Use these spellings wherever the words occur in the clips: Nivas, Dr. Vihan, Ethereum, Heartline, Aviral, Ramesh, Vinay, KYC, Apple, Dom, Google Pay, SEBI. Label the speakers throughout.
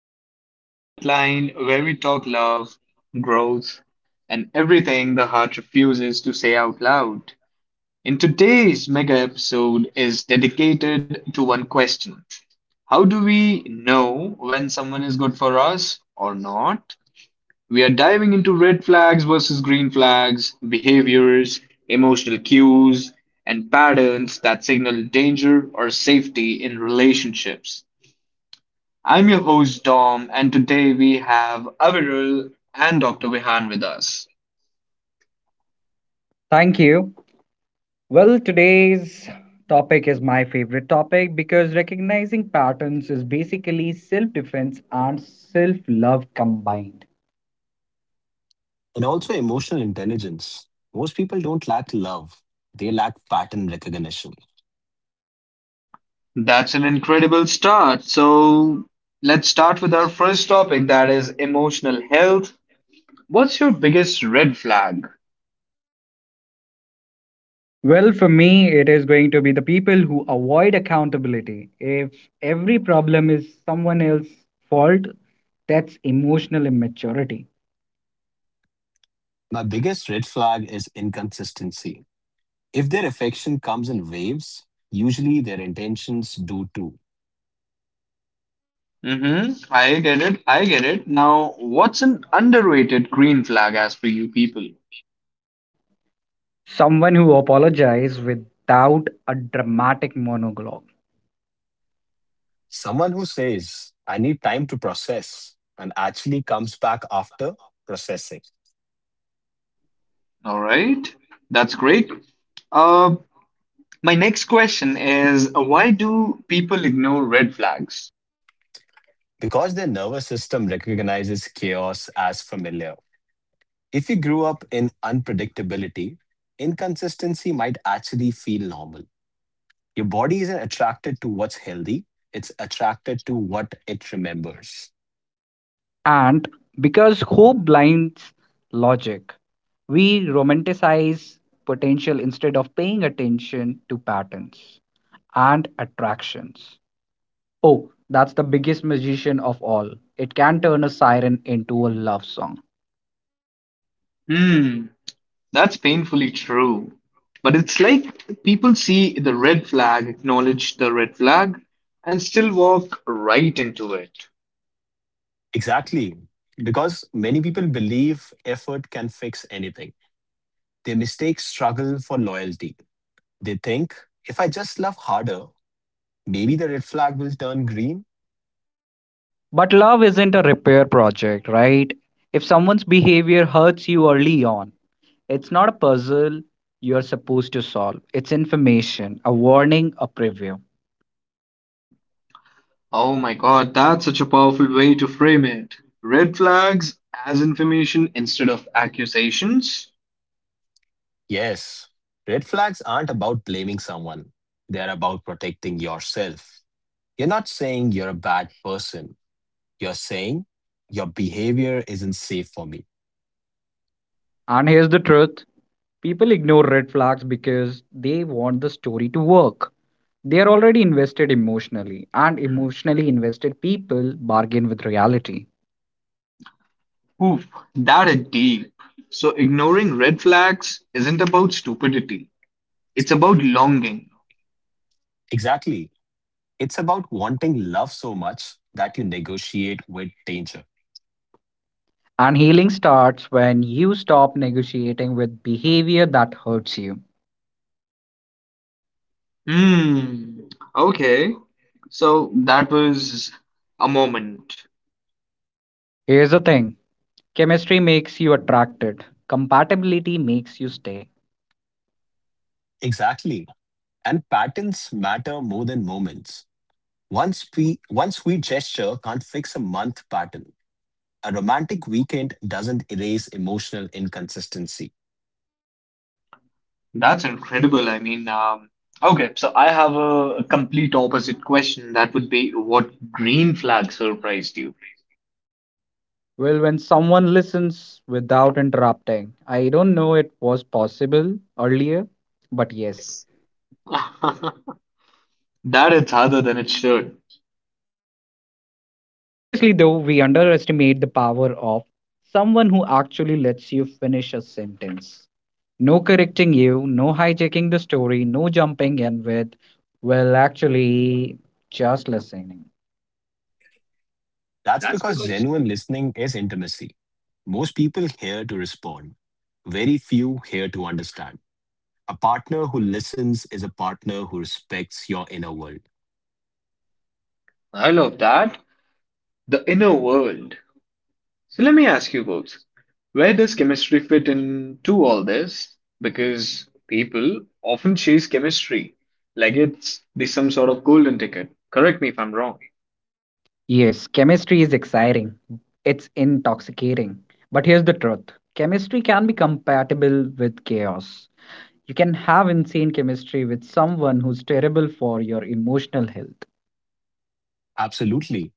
Speaker 1: to the Heartline, where we talk love, growth, and everything the heart refuses to say out loud. In today's mega episode is dedicated to one question. How do we know when someone is good for us or not? We are diving into red flags versus green flags, behaviors, emotional cues, and patterns that signal danger or safety in relationships. I'm your host, Dom, and today we have Avirul and Dr. Vihan with us.
Speaker 2: Thank you. Well, today's topic is my favorite topic because recognizing patterns is basically self defense and self love combined.
Speaker 3: And also emotional intelligence. Most people don't lack love, they lack pattern recognition.
Speaker 1: That's an incredible start. So, let's start with our first topic that is emotional health. What's your biggest red flag?
Speaker 2: Well, for me, it is going to be the people who avoid accountability. If every problem is someone else's fault, that's emotional immaturity.
Speaker 3: My biggest red flag is inconsistency. If their affection comes in waves, usually their intentions do too.
Speaker 1: Mm-hmm. I get it. Now, what's an underrated green flag as for you people?
Speaker 2: Someone who apologizes without a dramatic monologue.
Speaker 3: Someone who says, I need time to process, and actually comes back after processing.
Speaker 1: All right. That's great. Uh, my next question is, why do people ignore red flags?
Speaker 3: Because their nervous system recognizes chaos as familiar. If you grew up in unpredictability, inconsistency might actually feel normal. Your body isn't attracted to what's healthy, it's attracted to what it remembers.
Speaker 2: And because hope blinds logic, we romanticize potential instead of paying attention to patterns and attractions. Oh, that's the biggest magician of all. It can turn a siren into a love song.
Speaker 1: Hmm. That's painfully true. But it's like people see the red flag, acknowledge the red flag, and still walk right into it.
Speaker 3: Exactly. Because many people believe effort can fix anything. They mistake struggle for loyalty. They think, if I just love harder, maybe the red flag will turn green.
Speaker 2: But love isn't a repair project, right? If someone's behavior hurts you early on, it's not a puzzle you're supposed to solve. It's information, a warning, a preview.
Speaker 1: Oh my God, that's such a powerful way to frame it. Red flags as information instead of accusations?
Speaker 3: Yes, red flags aren't about blaming someone, they're about protecting yourself. You're not saying you're a bad person, you're saying your behavior isn't safe for me.
Speaker 2: And here's the truth: people ignore red flags because they want the story to work. They are already invested emotionally, and emotionally invested people bargain with reality.
Speaker 1: Oof, that is deep. So ignoring red flags isn't about stupidity. It's about longing.
Speaker 3: Exactly. It's about wanting love so much that you negotiate with danger.
Speaker 2: And healing starts when you stop negotiating with behavior that hurts you.
Speaker 1: Hmm. Okay. So that was a moment.
Speaker 2: Here's the thing: chemistry makes you attracted, compatibility makes you stay.
Speaker 3: Exactly. And patterns matter more than moments. One sweet gesture can't fix a month pattern. A romantic weekend doesn't erase emotional inconsistency.
Speaker 1: That's incredible. I mean, okay, so I have a complete opposite question. That would be, what green flag surprised you?
Speaker 2: Well, when someone listens without interrupting, I don't know it was possible earlier, but yes.
Speaker 1: Yes, that it's harder than it should.
Speaker 2: Seriously, though, we underestimate the power of someone who actually lets you finish a sentence. No correcting you, no hijacking the story, no jumping in with, well, actually, just listening.
Speaker 3: That's
Speaker 1: That's
Speaker 3: because
Speaker 1: because
Speaker 3: genuine listening is intimacy. Most people here to respond, very few here to understand. A partner who listens is a partner who respects your inner world.
Speaker 1: I love that. The inner world. So let me ask you folks, where does chemistry fit into all this? Because people often chase chemistry like it's the some sort of golden ticket. Correct me if I'm wrong.
Speaker 2: Yes, chemistry is exciting, it's intoxicating. But here's the truth: chemistry can be compatible with chaos. You can have insane chemistry with someone who's terrible for your emotional health.
Speaker 3: Absolutely.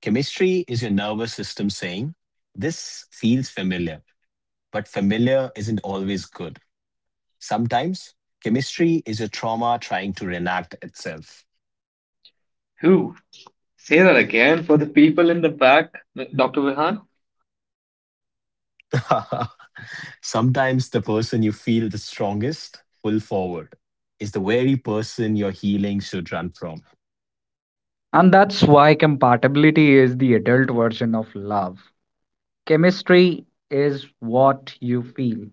Speaker 3: Chemistry is your nervous system saying, this feels familiar, but familiar isn't always good. Sometimes chemistry is your trauma trying to reenact itself.
Speaker 1: Say that again for the people in the back, Dr. Vihan.
Speaker 3: Sometimes the person you feel the strongest pull forward is the very person your healing should run from.
Speaker 2: And that's why compatibility is the adult version of love. Chemistry is what you feel,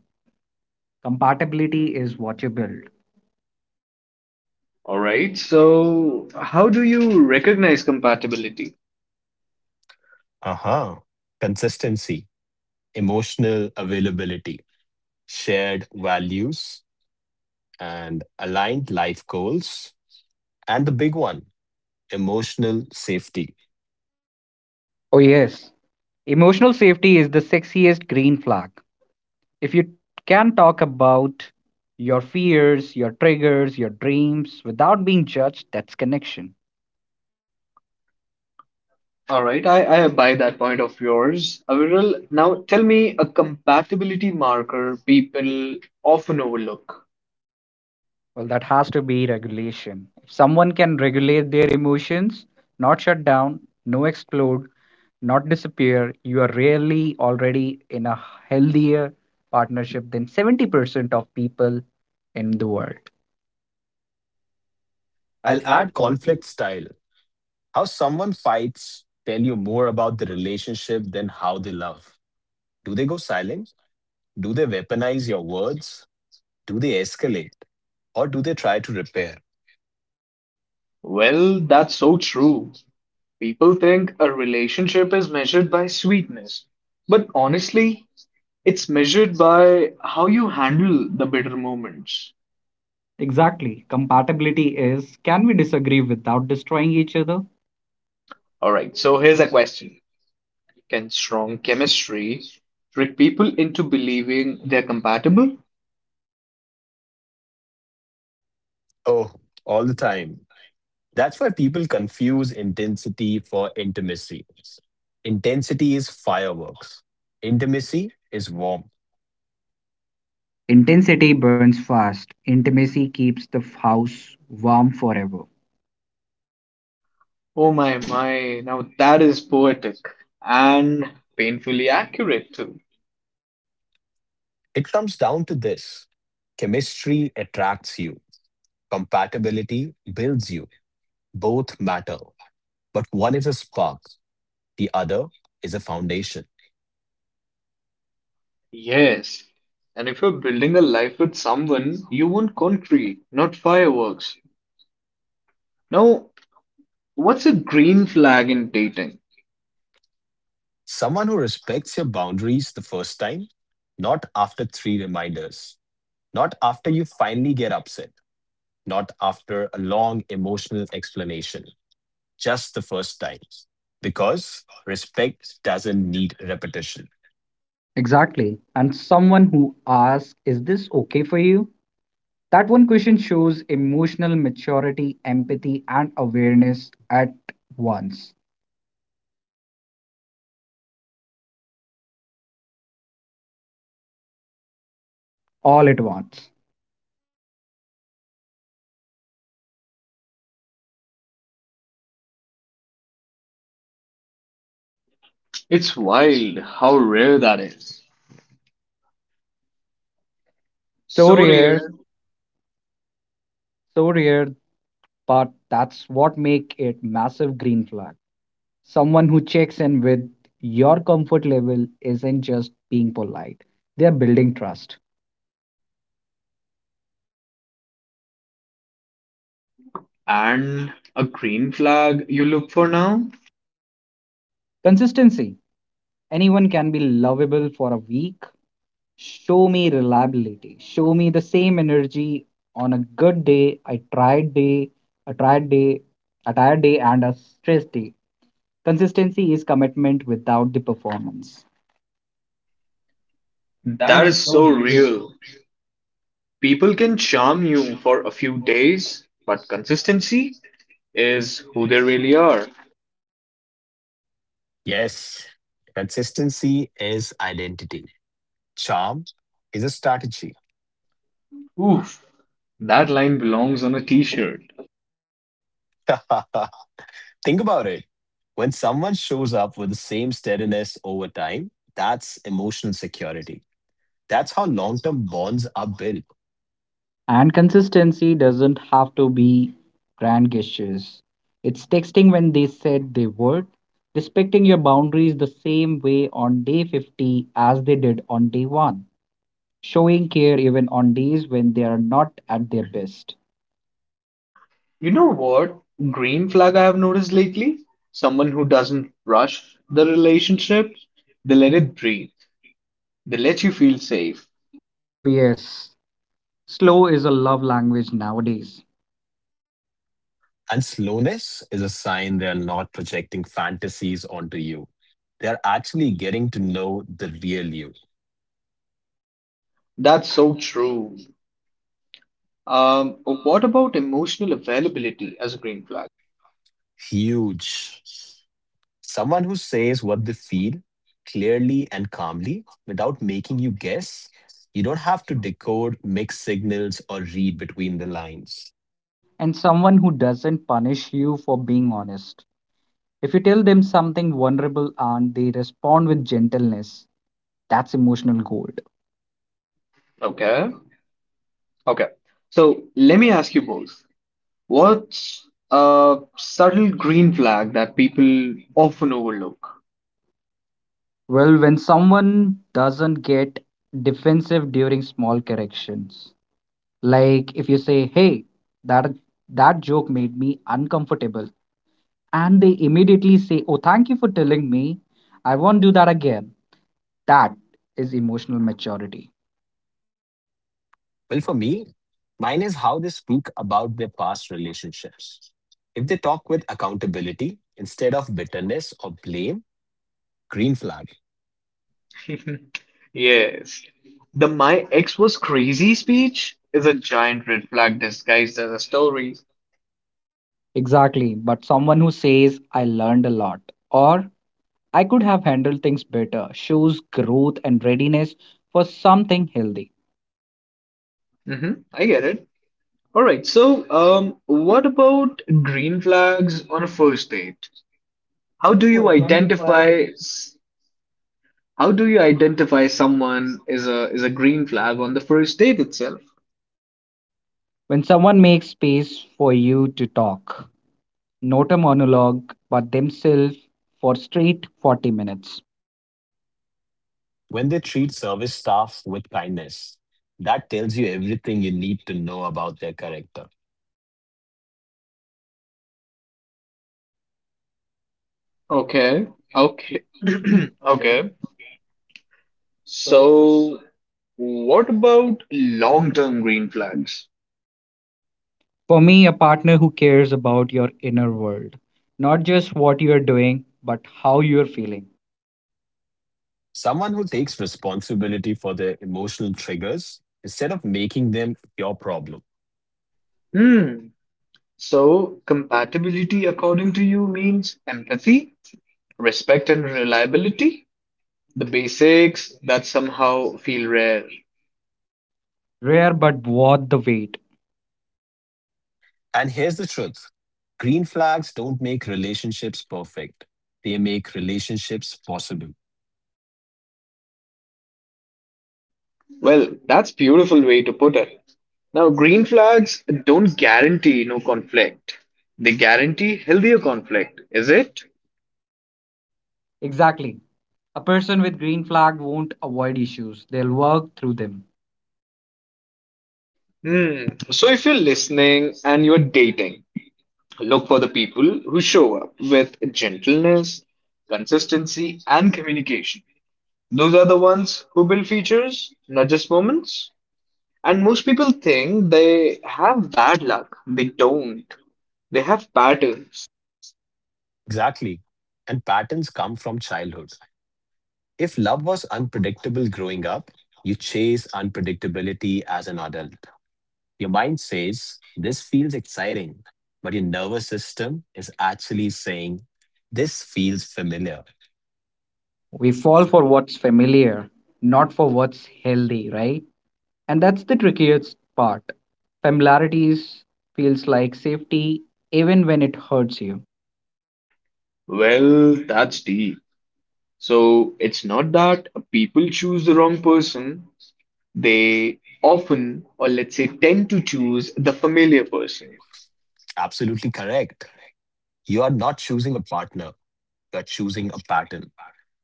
Speaker 2: compatibility is what you build.
Speaker 1: All right. So, how do you recognize compatibility?
Speaker 3: Uh-huh. Consistency, emotional availability, shared values, and aligned life goals. And the big one, emotional safety.
Speaker 2: Oh, yes. Emotional safety is the sexiest green flag. If you can talk about your fears, your triggers, your dreams without being judged, that's connection.
Speaker 1: All right. I buy that point of yours. Aviral, now tell me a compatibility marker people often overlook.
Speaker 2: Well, that has to be regulation. If someone can regulate their emotions, not shut down, no explode, not disappear, you are really already in a healthier partnership than 70% of people in the world.
Speaker 3: I'll
Speaker 2: I'll
Speaker 3: add
Speaker 2: add conflict.
Speaker 3: conflict style. How someone fights tell you more about the relationship than how they love. Do they go silent? Do they weaponize your words? Do they escalate? Or do they try to repair?
Speaker 1: Well, that's so true. People think a relationship is measured by sweetness. But honestly, it's measured by how you handle the bitter moments.
Speaker 2: Exactly. Compatibility is, can we disagree without destroying each other?
Speaker 1: All right. So, here's a question. Can strong chemistry trick people into believing they're compatible?
Speaker 3: Oh, all the time. That's why people confuse intensity for intimacy. Intensity is fireworks. Intimacy is warmth.
Speaker 2: Intensity burns fast, intimacy keeps the house warm forever.
Speaker 1: Oh my, my, now that is poetic and painfully accurate too.
Speaker 3: It comes down to this: chemistry attracts you, compatibility builds you. Both matter, but one is a spark, the other is a foundation.
Speaker 1: Yes. And if you're building a life with someone, you want concrete, not fireworks. Now, what's a green flag in dating?
Speaker 3: Someone who respects your boundaries the first time, not after three reminders, not after you finally get upset, not after a long emotional explanation, just the first time. Because respect doesn't need repetition.
Speaker 2: Exactly. And someone who asks, "Is this okay for you?" That one question shows emotional maturity, empathy, and awareness at once, all at once.
Speaker 1: It's wild how rare that is.
Speaker 2: So
Speaker 1: So
Speaker 2: rare,
Speaker 1: rare.
Speaker 2: so rare, but that's what make it massive green flag. Someone who checks in with your comfort level isn't just being polite. They're building trust.
Speaker 1: And a green flag you look for now?
Speaker 2: Consistency. Anyone can be lovable for a week. Show me reliability. Show me the same energy on a good day, a tired day, a tired day, a tired day and a stressed day. Consistency is commitment without the performance. That
Speaker 1: That
Speaker 2: is
Speaker 1: is
Speaker 2: so
Speaker 1: so
Speaker 2: real.
Speaker 1: real. People can charm you for a few days, but consistency is who they really are.
Speaker 3: Yes, consistency is identity. Charm is a strategy.
Speaker 1: Oof, that line belongs on a t-shirt.
Speaker 3: Think about it. When someone shows up with the same steadiness over time, that's emotional security. That's how long term bonds are built.
Speaker 2: And consistency doesn't have to be grand gestures. It's texting when they said they would, respecting your boundaries the same way on day 50 as they did on day 1, showing care even on days when they are not at their best.
Speaker 1: You know what green flag I have noticed lately? Someone who doesn't rush the relationship, they let it breathe. They let you feel safe.
Speaker 2: Oh, yes, slow is a love language nowadays,
Speaker 3: And slowness is a sign they're not projecting fantasies onto you. They're actually getting to know the real you.
Speaker 1: That's so true. What about emotional availability as a green flag?
Speaker 3: Huge. Someone who says what they feel clearly and calmly without making you guess. You don't have to decode mixed signals or read between the lines.
Speaker 2: and someone who doesn't punish you for being honest. If you tell them something vulnerable and they respond with gentleness, that's emotional gold.
Speaker 1: Okay, okay. So let me ask you both. What's a subtle green flag that people often overlook?
Speaker 2: Well, when someone doesn't get defensive during small corrections, like if you say, "Hey, that that joke made me uncomfortable," and they immediately say, "Oh, thank you for telling me. I won't do that again." That is emotional maturity.
Speaker 3: Well, for me, mine is how they speak about their past relationships. If they talk with accountability instead of bitterness or blame, green flag.
Speaker 1: Yes. The My Ex Was Crazy speech is a giant red flag disguised as a story.
Speaker 2: Exactly, but someone who says, "I learned a lot," or "I could have handled things better," shows growth and readiness for something healthy.
Speaker 1: Hmm, I get it. All right, so what about green flags on a first date?
Speaker 2: How
Speaker 1: How
Speaker 2: do
Speaker 1: do
Speaker 2: you
Speaker 1: you
Speaker 2: identify?
Speaker 1: identify s- how do you identify someone is a green flag on the first date itself?
Speaker 2: When someone makes space for you to talk, not a monologue, but themselves for straight 40 minutes.
Speaker 3: When they treat service staff with kindness, that tells you everything you need to know about their character.
Speaker 1: Okay. Okay. Okay. So, what about long-term green flags?
Speaker 2: For me, a partner who cares about your inner world, not just what you are doing, but how you are feeling.
Speaker 3: Someone who takes responsibility for their emotional triggers instead of making them your problem.
Speaker 1: Hmm. So, compatibility according to you means empathy, respect and reliability, the basics that somehow feel rare.
Speaker 2: Rare but worth the wait.
Speaker 3: And here's the truth: green flags don't make relationships perfect, they make relationships possible.
Speaker 1: Well, that's beautiful way to put it. Now, green flags don't guarantee no conflict. They guarantee healthier conflict, is it?
Speaker 2: Exactly. A person with green flag won't avoid issues, they'll work through them.
Speaker 1: Hmm. So if you're listening and you're dating, look for the people who show up with gentleness, consistency, and communication. Those are the ones who build features, not just moments. And most people think they have bad luck. They don't. They have patterns.
Speaker 3: Exactly. And patterns come from childhood. If love was unpredictable growing up, you chase unpredictability as an adult. Your mind says, this feels exciting. But your nervous system is actually saying, this feels familiar.
Speaker 2: We fall for what's familiar, not for what's healthy, right? And that's the trickiest part. Familiarity feels like safety even when it hurts you.
Speaker 1: Well, that's deep. So it's not that people choose the wrong person, they often, or let's say, tend to choose the familiar person.
Speaker 3: Absolutely correct. You are not choosing a partner, you're choosing a pattern.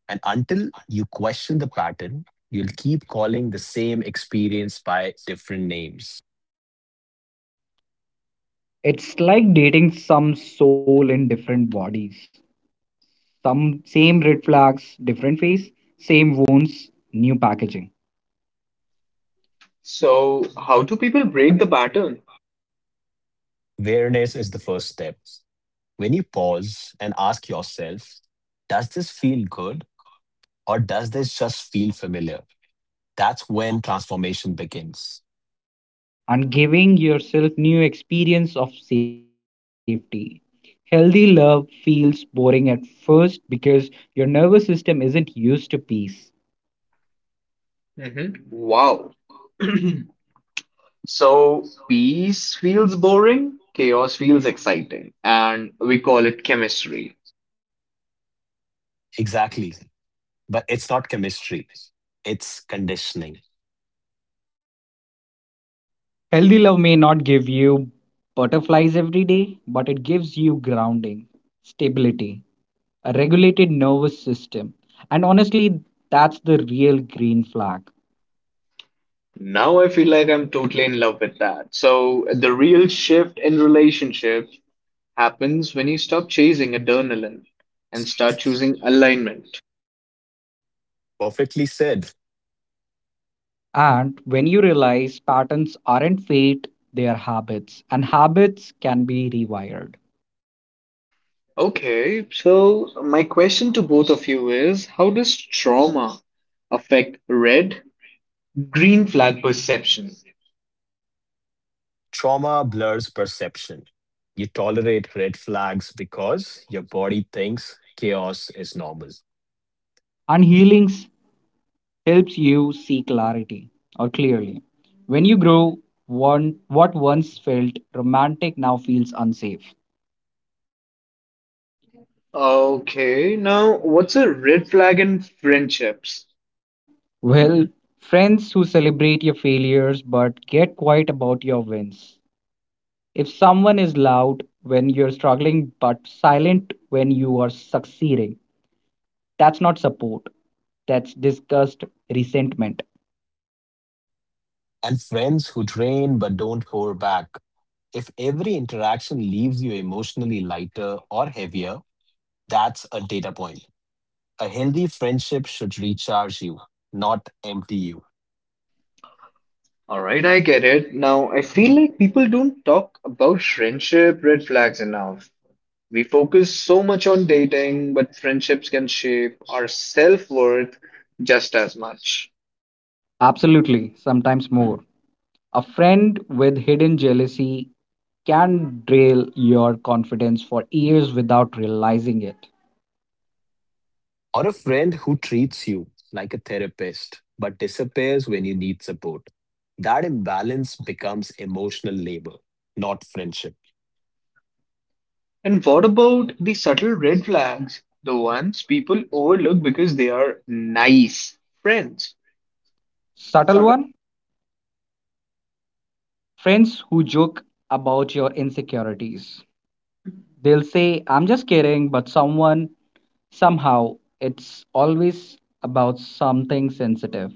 Speaker 3: And until you question the pattern, you'll keep calling the same experience by different names.
Speaker 2: It's like dating some soul in different bodies. Some same red flags, different face, same wounds, new packaging.
Speaker 1: So, how do people break the pattern?
Speaker 3: Awareness is the first step. When you pause and ask yourself, does this feel good or does this just feel familiar? That's when transformation begins.
Speaker 2: And giving yourself new experience of safety. Healthy love feels boring at first because your nervous system isn't used to peace.
Speaker 1: Mm-hmm. Wow. So peace feels boring, chaos feels exciting, and we call it chemistry.
Speaker 3: Exactly. But it's not chemistry, it's conditioning.
Speaker 2: Healthy love may not give you butterflies every day, but it gives you grounding, stability, a regulated nervous system. And honestly, that's the real green flag.
Speaker 1: Now I feel like I'm totally in love with that. So the real shift in relationships happens when you stop chasing adrenaline and start choosing alignment.
Speaker 3: Perfectly said.
Speaker 2: And when you realize patterns aren't fate, they are habits, and habits can be rewired.
Speaker 1: Okay, so my question to both of you is, how does trauma affect red green flag perception?
Speaker 3: Trauma blurs perception. You tolerate red flags because your body thinks chaos is normal.
Speaker 2: And healings helps you see clarity or clearly. When you grow, one what once felt romantic now feels unsafe.
Speaker 1: Okay, now what's a red flag in friendships?
Speaker 2: Well, friends who celebrate your failures but get quiet about your wins. If someone is loud when you're struggling but silent when you are succeeding, that's not support. That's disgust, resentment.
Speaker 3: And friends who drain but don't pour back. If every interaction leaves you emotionally lighter or heavier, that's a data point. A healthy friendship should recharge you, not empty you.
Speaker 1: All right, I get it. Now, I feel like people don't talk about friendship red flags enough. We focus so much on dating, but friendships can shape our self-worth just as much.
Speaker 2: Absolutely, sometimes more. A friend with hidden jealousy can derail your confidence for years without realizing it.
Speaker 3: Or a friend who treats you like a therapist but disappears when you need support. That imbalance becomes emotional labor, not friendship.
Speaker 1: And what about the subtle red flags? The ones people overlook because they are nice friends.
Speaker 2: Subtle one, friends who joke about your insecurities. They'll say, "I'm just kidding," but someone, somehow, it's always about something sensitive.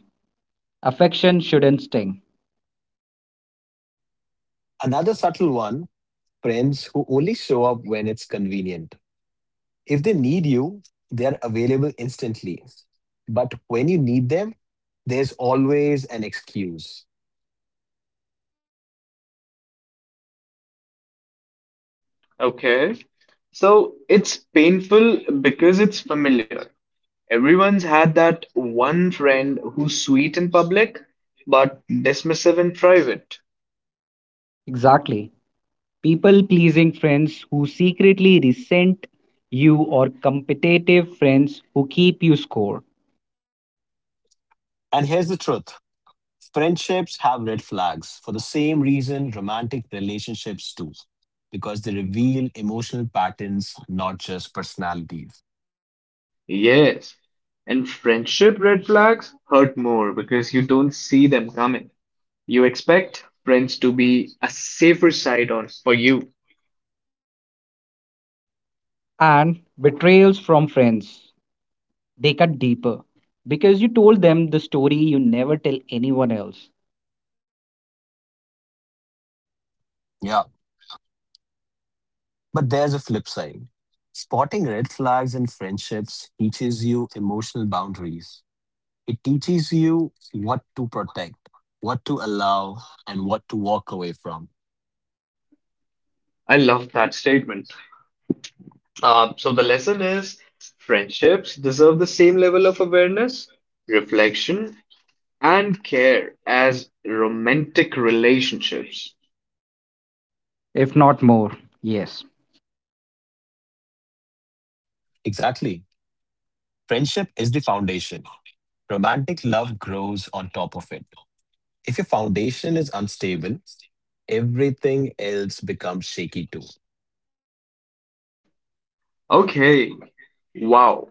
Speaker 2: Affection shouldn't sting.
Speaker 3: Another subtle one: friends who only show up when it's convenient. If they need you, they're available instantly. But when you need them, there's always an excuse.
Speaker 1: Okay. So it's painful because it's familiar. Everyone's had that one friend who's sweet in public, but dismissive in private.
Speaker 2: Exactly. People pleasing friends who secretly resent you, or competitive friends who keep you score.
Speaker 3: And here's the truth: friendships have red flags for the same reason romantic relationships do, because they reveal emotional patterns, not just personalities.
Speaker 1: Yes. And friendship red flags hurt more because you don't see them coming. You expect friends to be a safer side on for you.
Speaker 2: And betrayals from friends. They cut deeper because you told them the story you never tell anyone else,
Speaker 3: Yeah. But there's a flip side. Spotting red flags in friendships teaches you emotional boundaries. It teaches you what to protect, what to allow, and what to walk away from.
Speaker 1: I love that statement. So the lesson is, friendships deserve the same level of awareness, reflection, and care as romantic relationships.
Speaker 2: if not more. Yes.
Speaker 3: Exactly. Friendship is the foundation. Romantic love grows on top of it. If your foundation is unstable, everything else becomes shaky too.
Speaker 1: Okay, wow.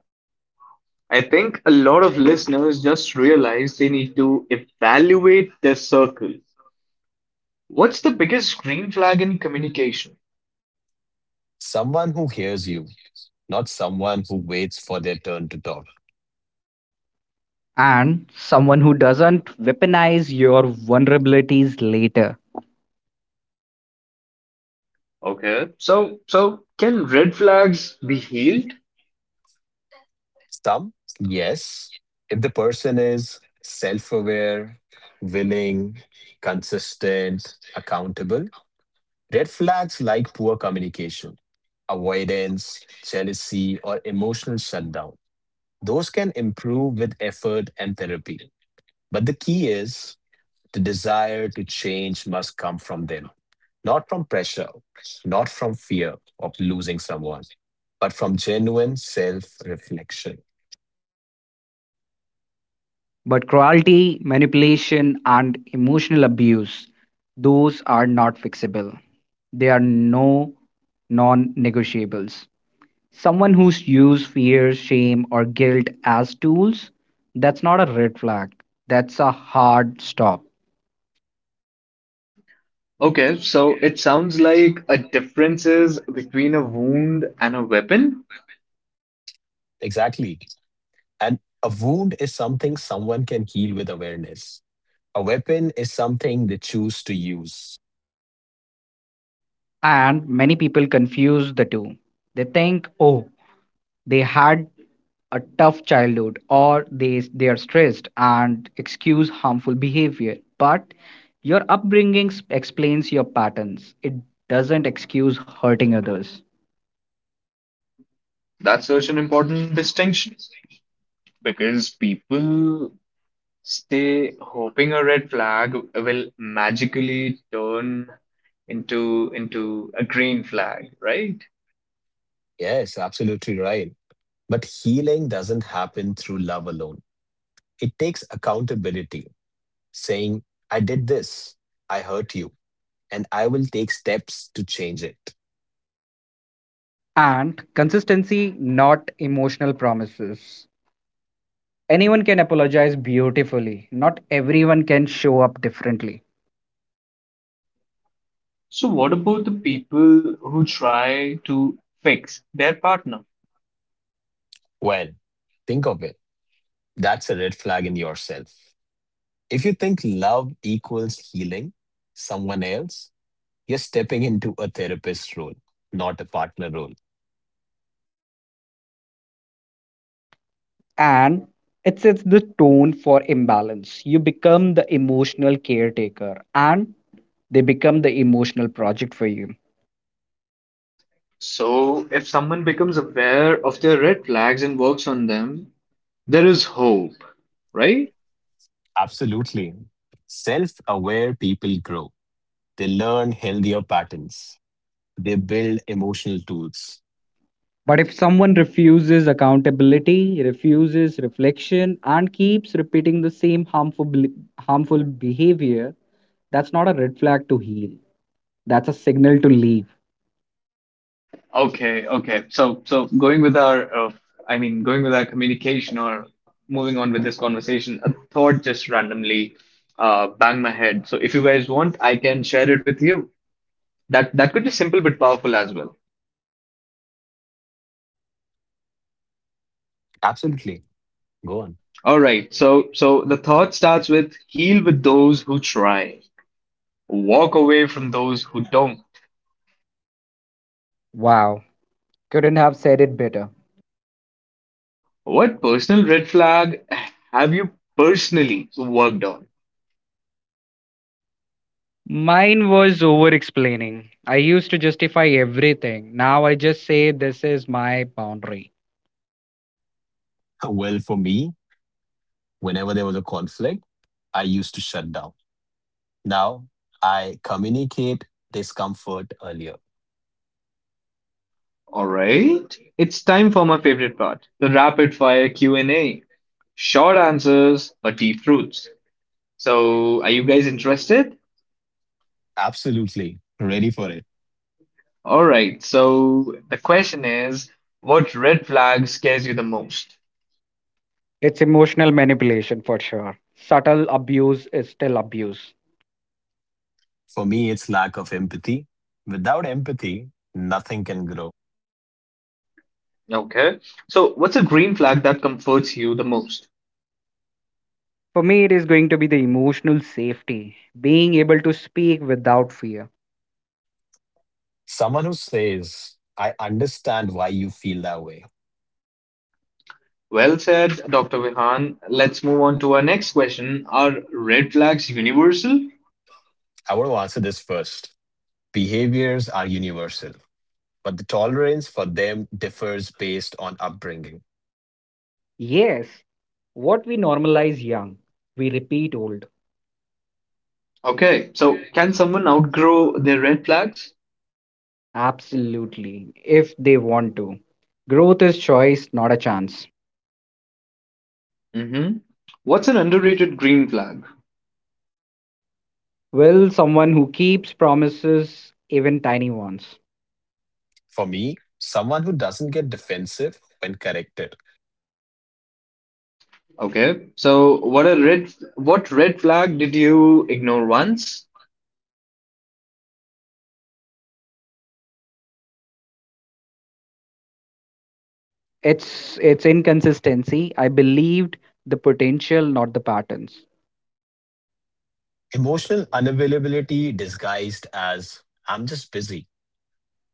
Speaker 1: I think a lot of listeners just realize they need to evaluate their circle. What's the biggest green flag in communication?
Speaker 3: Someone who hears you, not someone who waits for their turn to talk.
Speaker 2: And someone who doesn't weaponize your vulnerabilities later.
Speaker 1: Okay. So can red flags be healed?
Speaker 3: Some, yes, if the person is self aware, willing, consistent, accountable. Red flags like poor communication, avoidance, jealousy, or emotional shutdown. Those can improve with effort and therapy. But the key is the desire to change must come from them, not from pressure, not from fear of losing someone, but from genuine self reflection.
Speaker 2: But cruelty, manipulation, and emotional abuse, those are not fixable. They are no non negotiables. Someone who's used fear, shame, or guilt as tools, that's not a red flag. That's a hard stop.
Speaker 1: Okay, so it sounds like a difference is between a wound and a weapon.
Speaker 3: Exactly. And a wound is something someone can heal with awareness. A weapon is something they choose to use.
Speaker 2: And many people confuse the two. They think, oh, they had a tough childhood or they are stressed, and excuse harmful behavior, but your upbringing s- explains your patterns, it doesn't excuse hurting others.
Speaker 1: That's such an important distinction because people stay hoping a red flag will magically turn into a green flag, right?
Speaker 3: Yes, absolutely right. But healing doesn't happen through love alone. It takes accountability, saying, I did this, I hurt you, and I will take steps to change it.
Speaker 2: And consistency, not emotional promises. Anyone can apologize beautifully, not everyone can show up differently.
Speaker 1: So, what about the people who try to fix their partner?
Speaker 3: Well, think of it. That's a red flag in yourself. If you think love equals healing someone else, you're stepping into a therapist role, not a partner role.
Speaker 2: And it sets the tone for imbalance. You become the emotional caretaker, and they become the emotional project for you.
Speaker 1: So, if someone becomes aware of their red flags and works on them, there is hope, right?
Speaker 3: Absolutely. Self aware people grow, they learn healthier patterns, they build emotional tools.
Speaker 2: But if someone refuses accountability, refuses reflection, and keeps repeating the same harmful behavior, that's not a red flag to heal. That's a signal to leave.
Speaker 1: Okay. So going with our, I mean, going with our communication or moving on with this conversation, a thought just randomly banged my head. So, if you guys want, I can share it with you. That could be simple but powerful as well.
Speaker 3: Absolutely. Go on.
Speaker 1: All right. So the thought starts with, heal with those who try, walk away from those who don't.
Speaker 2: Wow, couldn't have said it better.
Speaker 1: What personal red flag have you personally worked on?
Speaker 2: Mine was over explaining. I used to justify everything. Now I just say this is my boundary.
Speaker 3: Well, for me, whenever there was a conflict, I used to shut down. Now I communicate discomfort earlier.
Speaker 1: All right. It's time for my favorite part, the rapid fire Q&A. Short answers, but deep truths. So, are you guys interested?
Speaker 3: Absolutely. Ready for it.
Speaker 1: All right. So the question is, what red flag scares you the most?
Speaker 2: It's emotional manipulation for sure. Subtle abuse is still abuse.
Speaker 3: For me, it's lack of empathy. Without empathy, nothing can grow.
Speaker 1: Okay. So what's a green flag that comforts you the most?
Speaker 2: For me, it is going to be the emotional safety, being able to speak without fear.
Speaker 3: Someone who says, I understand why you feel that way.
Speaker 1: Well said, Dr. Vihan. Let's move on to our next question. Are red flags universal?
Speaker 3: I want to answer this first. Behaviors are universal, but the tolerance for them differs based on upbringing.
Speaker 2: Yes, what we normalize young, we repeat old.
Speaker 1: Okay, so can someone outgrow their red flags?
Speaker 2: Absolutely, if they want to. Growth is choice, not a chance.
Speaker 1: Mm-hmm. What's an underrated green flag?
Speaker 2: Will someone who keeps promises, even tiny ones?
Speaker 3: For me, someone who doesn't get defensive when corrected.
Speaker 1: Okay, so what red flag did you ignore once?
Speaker 2: It's inconsistency. I believed the potential, not the patterns.
Speaker 3: Emotional unavailability disguised as I'm just busy.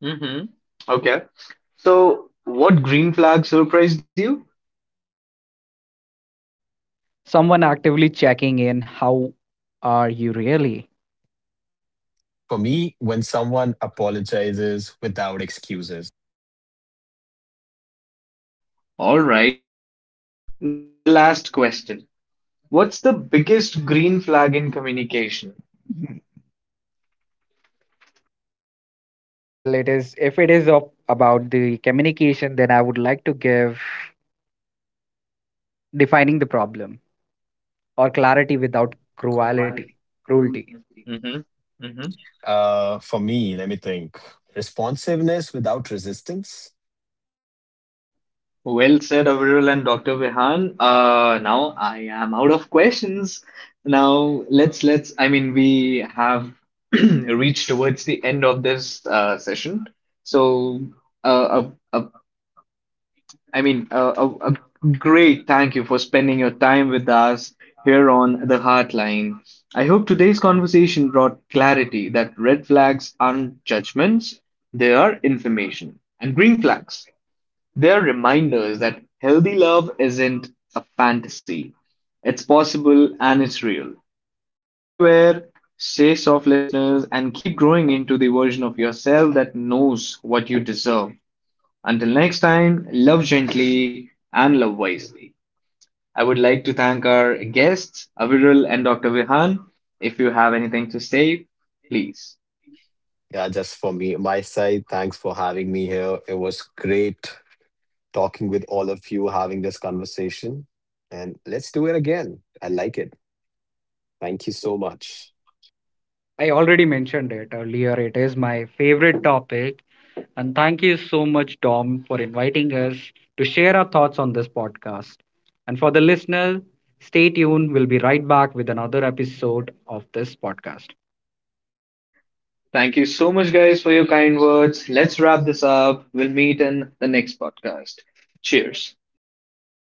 Speaker 1: Mm-hmm. Okay, so what green flag surprised you?
Speaker 2: Someone actively checking in. How are you really?
Speaker 3: For me, when someone apologizes without excuses.
Speaker 1: All right. Now the last question. What's the biggest green flag in communication?
Speaker 2: Well, it is, if it is of, about the communication, then I would like to give. Defining the problem or clarity without cruelty. Cruelty.
Speaker 1: Mm-hmm, mm-hmm.
Speaker 3: For me, let me think. Responsiveness without resistance.
Speaker 1: Well said, Avril and Dr. Vihan. Now I am out of questions. Now let's. I mean, we have reached towards the end of this session. So, uh, a, a, I mean, a great thank you for spending your time with us here on the Heartline. I hope today's conversation brought clarity that red flags aren't judgments; they are information, and green flags, they're reminders that healthy love isn't a fantasy. It's possible and it's real. Stay aware, stay soft listeners, and keep growing into the version of yourself that knows what you deserve. Until next time, love gently and love wisely. I would like to thank our guests, Aviral and Dr. Vihan. If you have anything to say, please.
Speaker 3: Yeah, just for me, my side. Thanks for having me here. It was great talking with all of you, having this conversation. And let's do it again. I like it. Thank you so much.
Speaker 2: I already mentioned it earlier. It is my favorite topic. And thank you so much, Tom, for inviting us to share our thoughts on this podcast. And for the listener, stay tuned. We'll be right back with another episode of this podcast.
Speaker 1: Thank you so much, guys, for your kind words. Let's wrap this up. We'll meet in the next podcast. Cheers.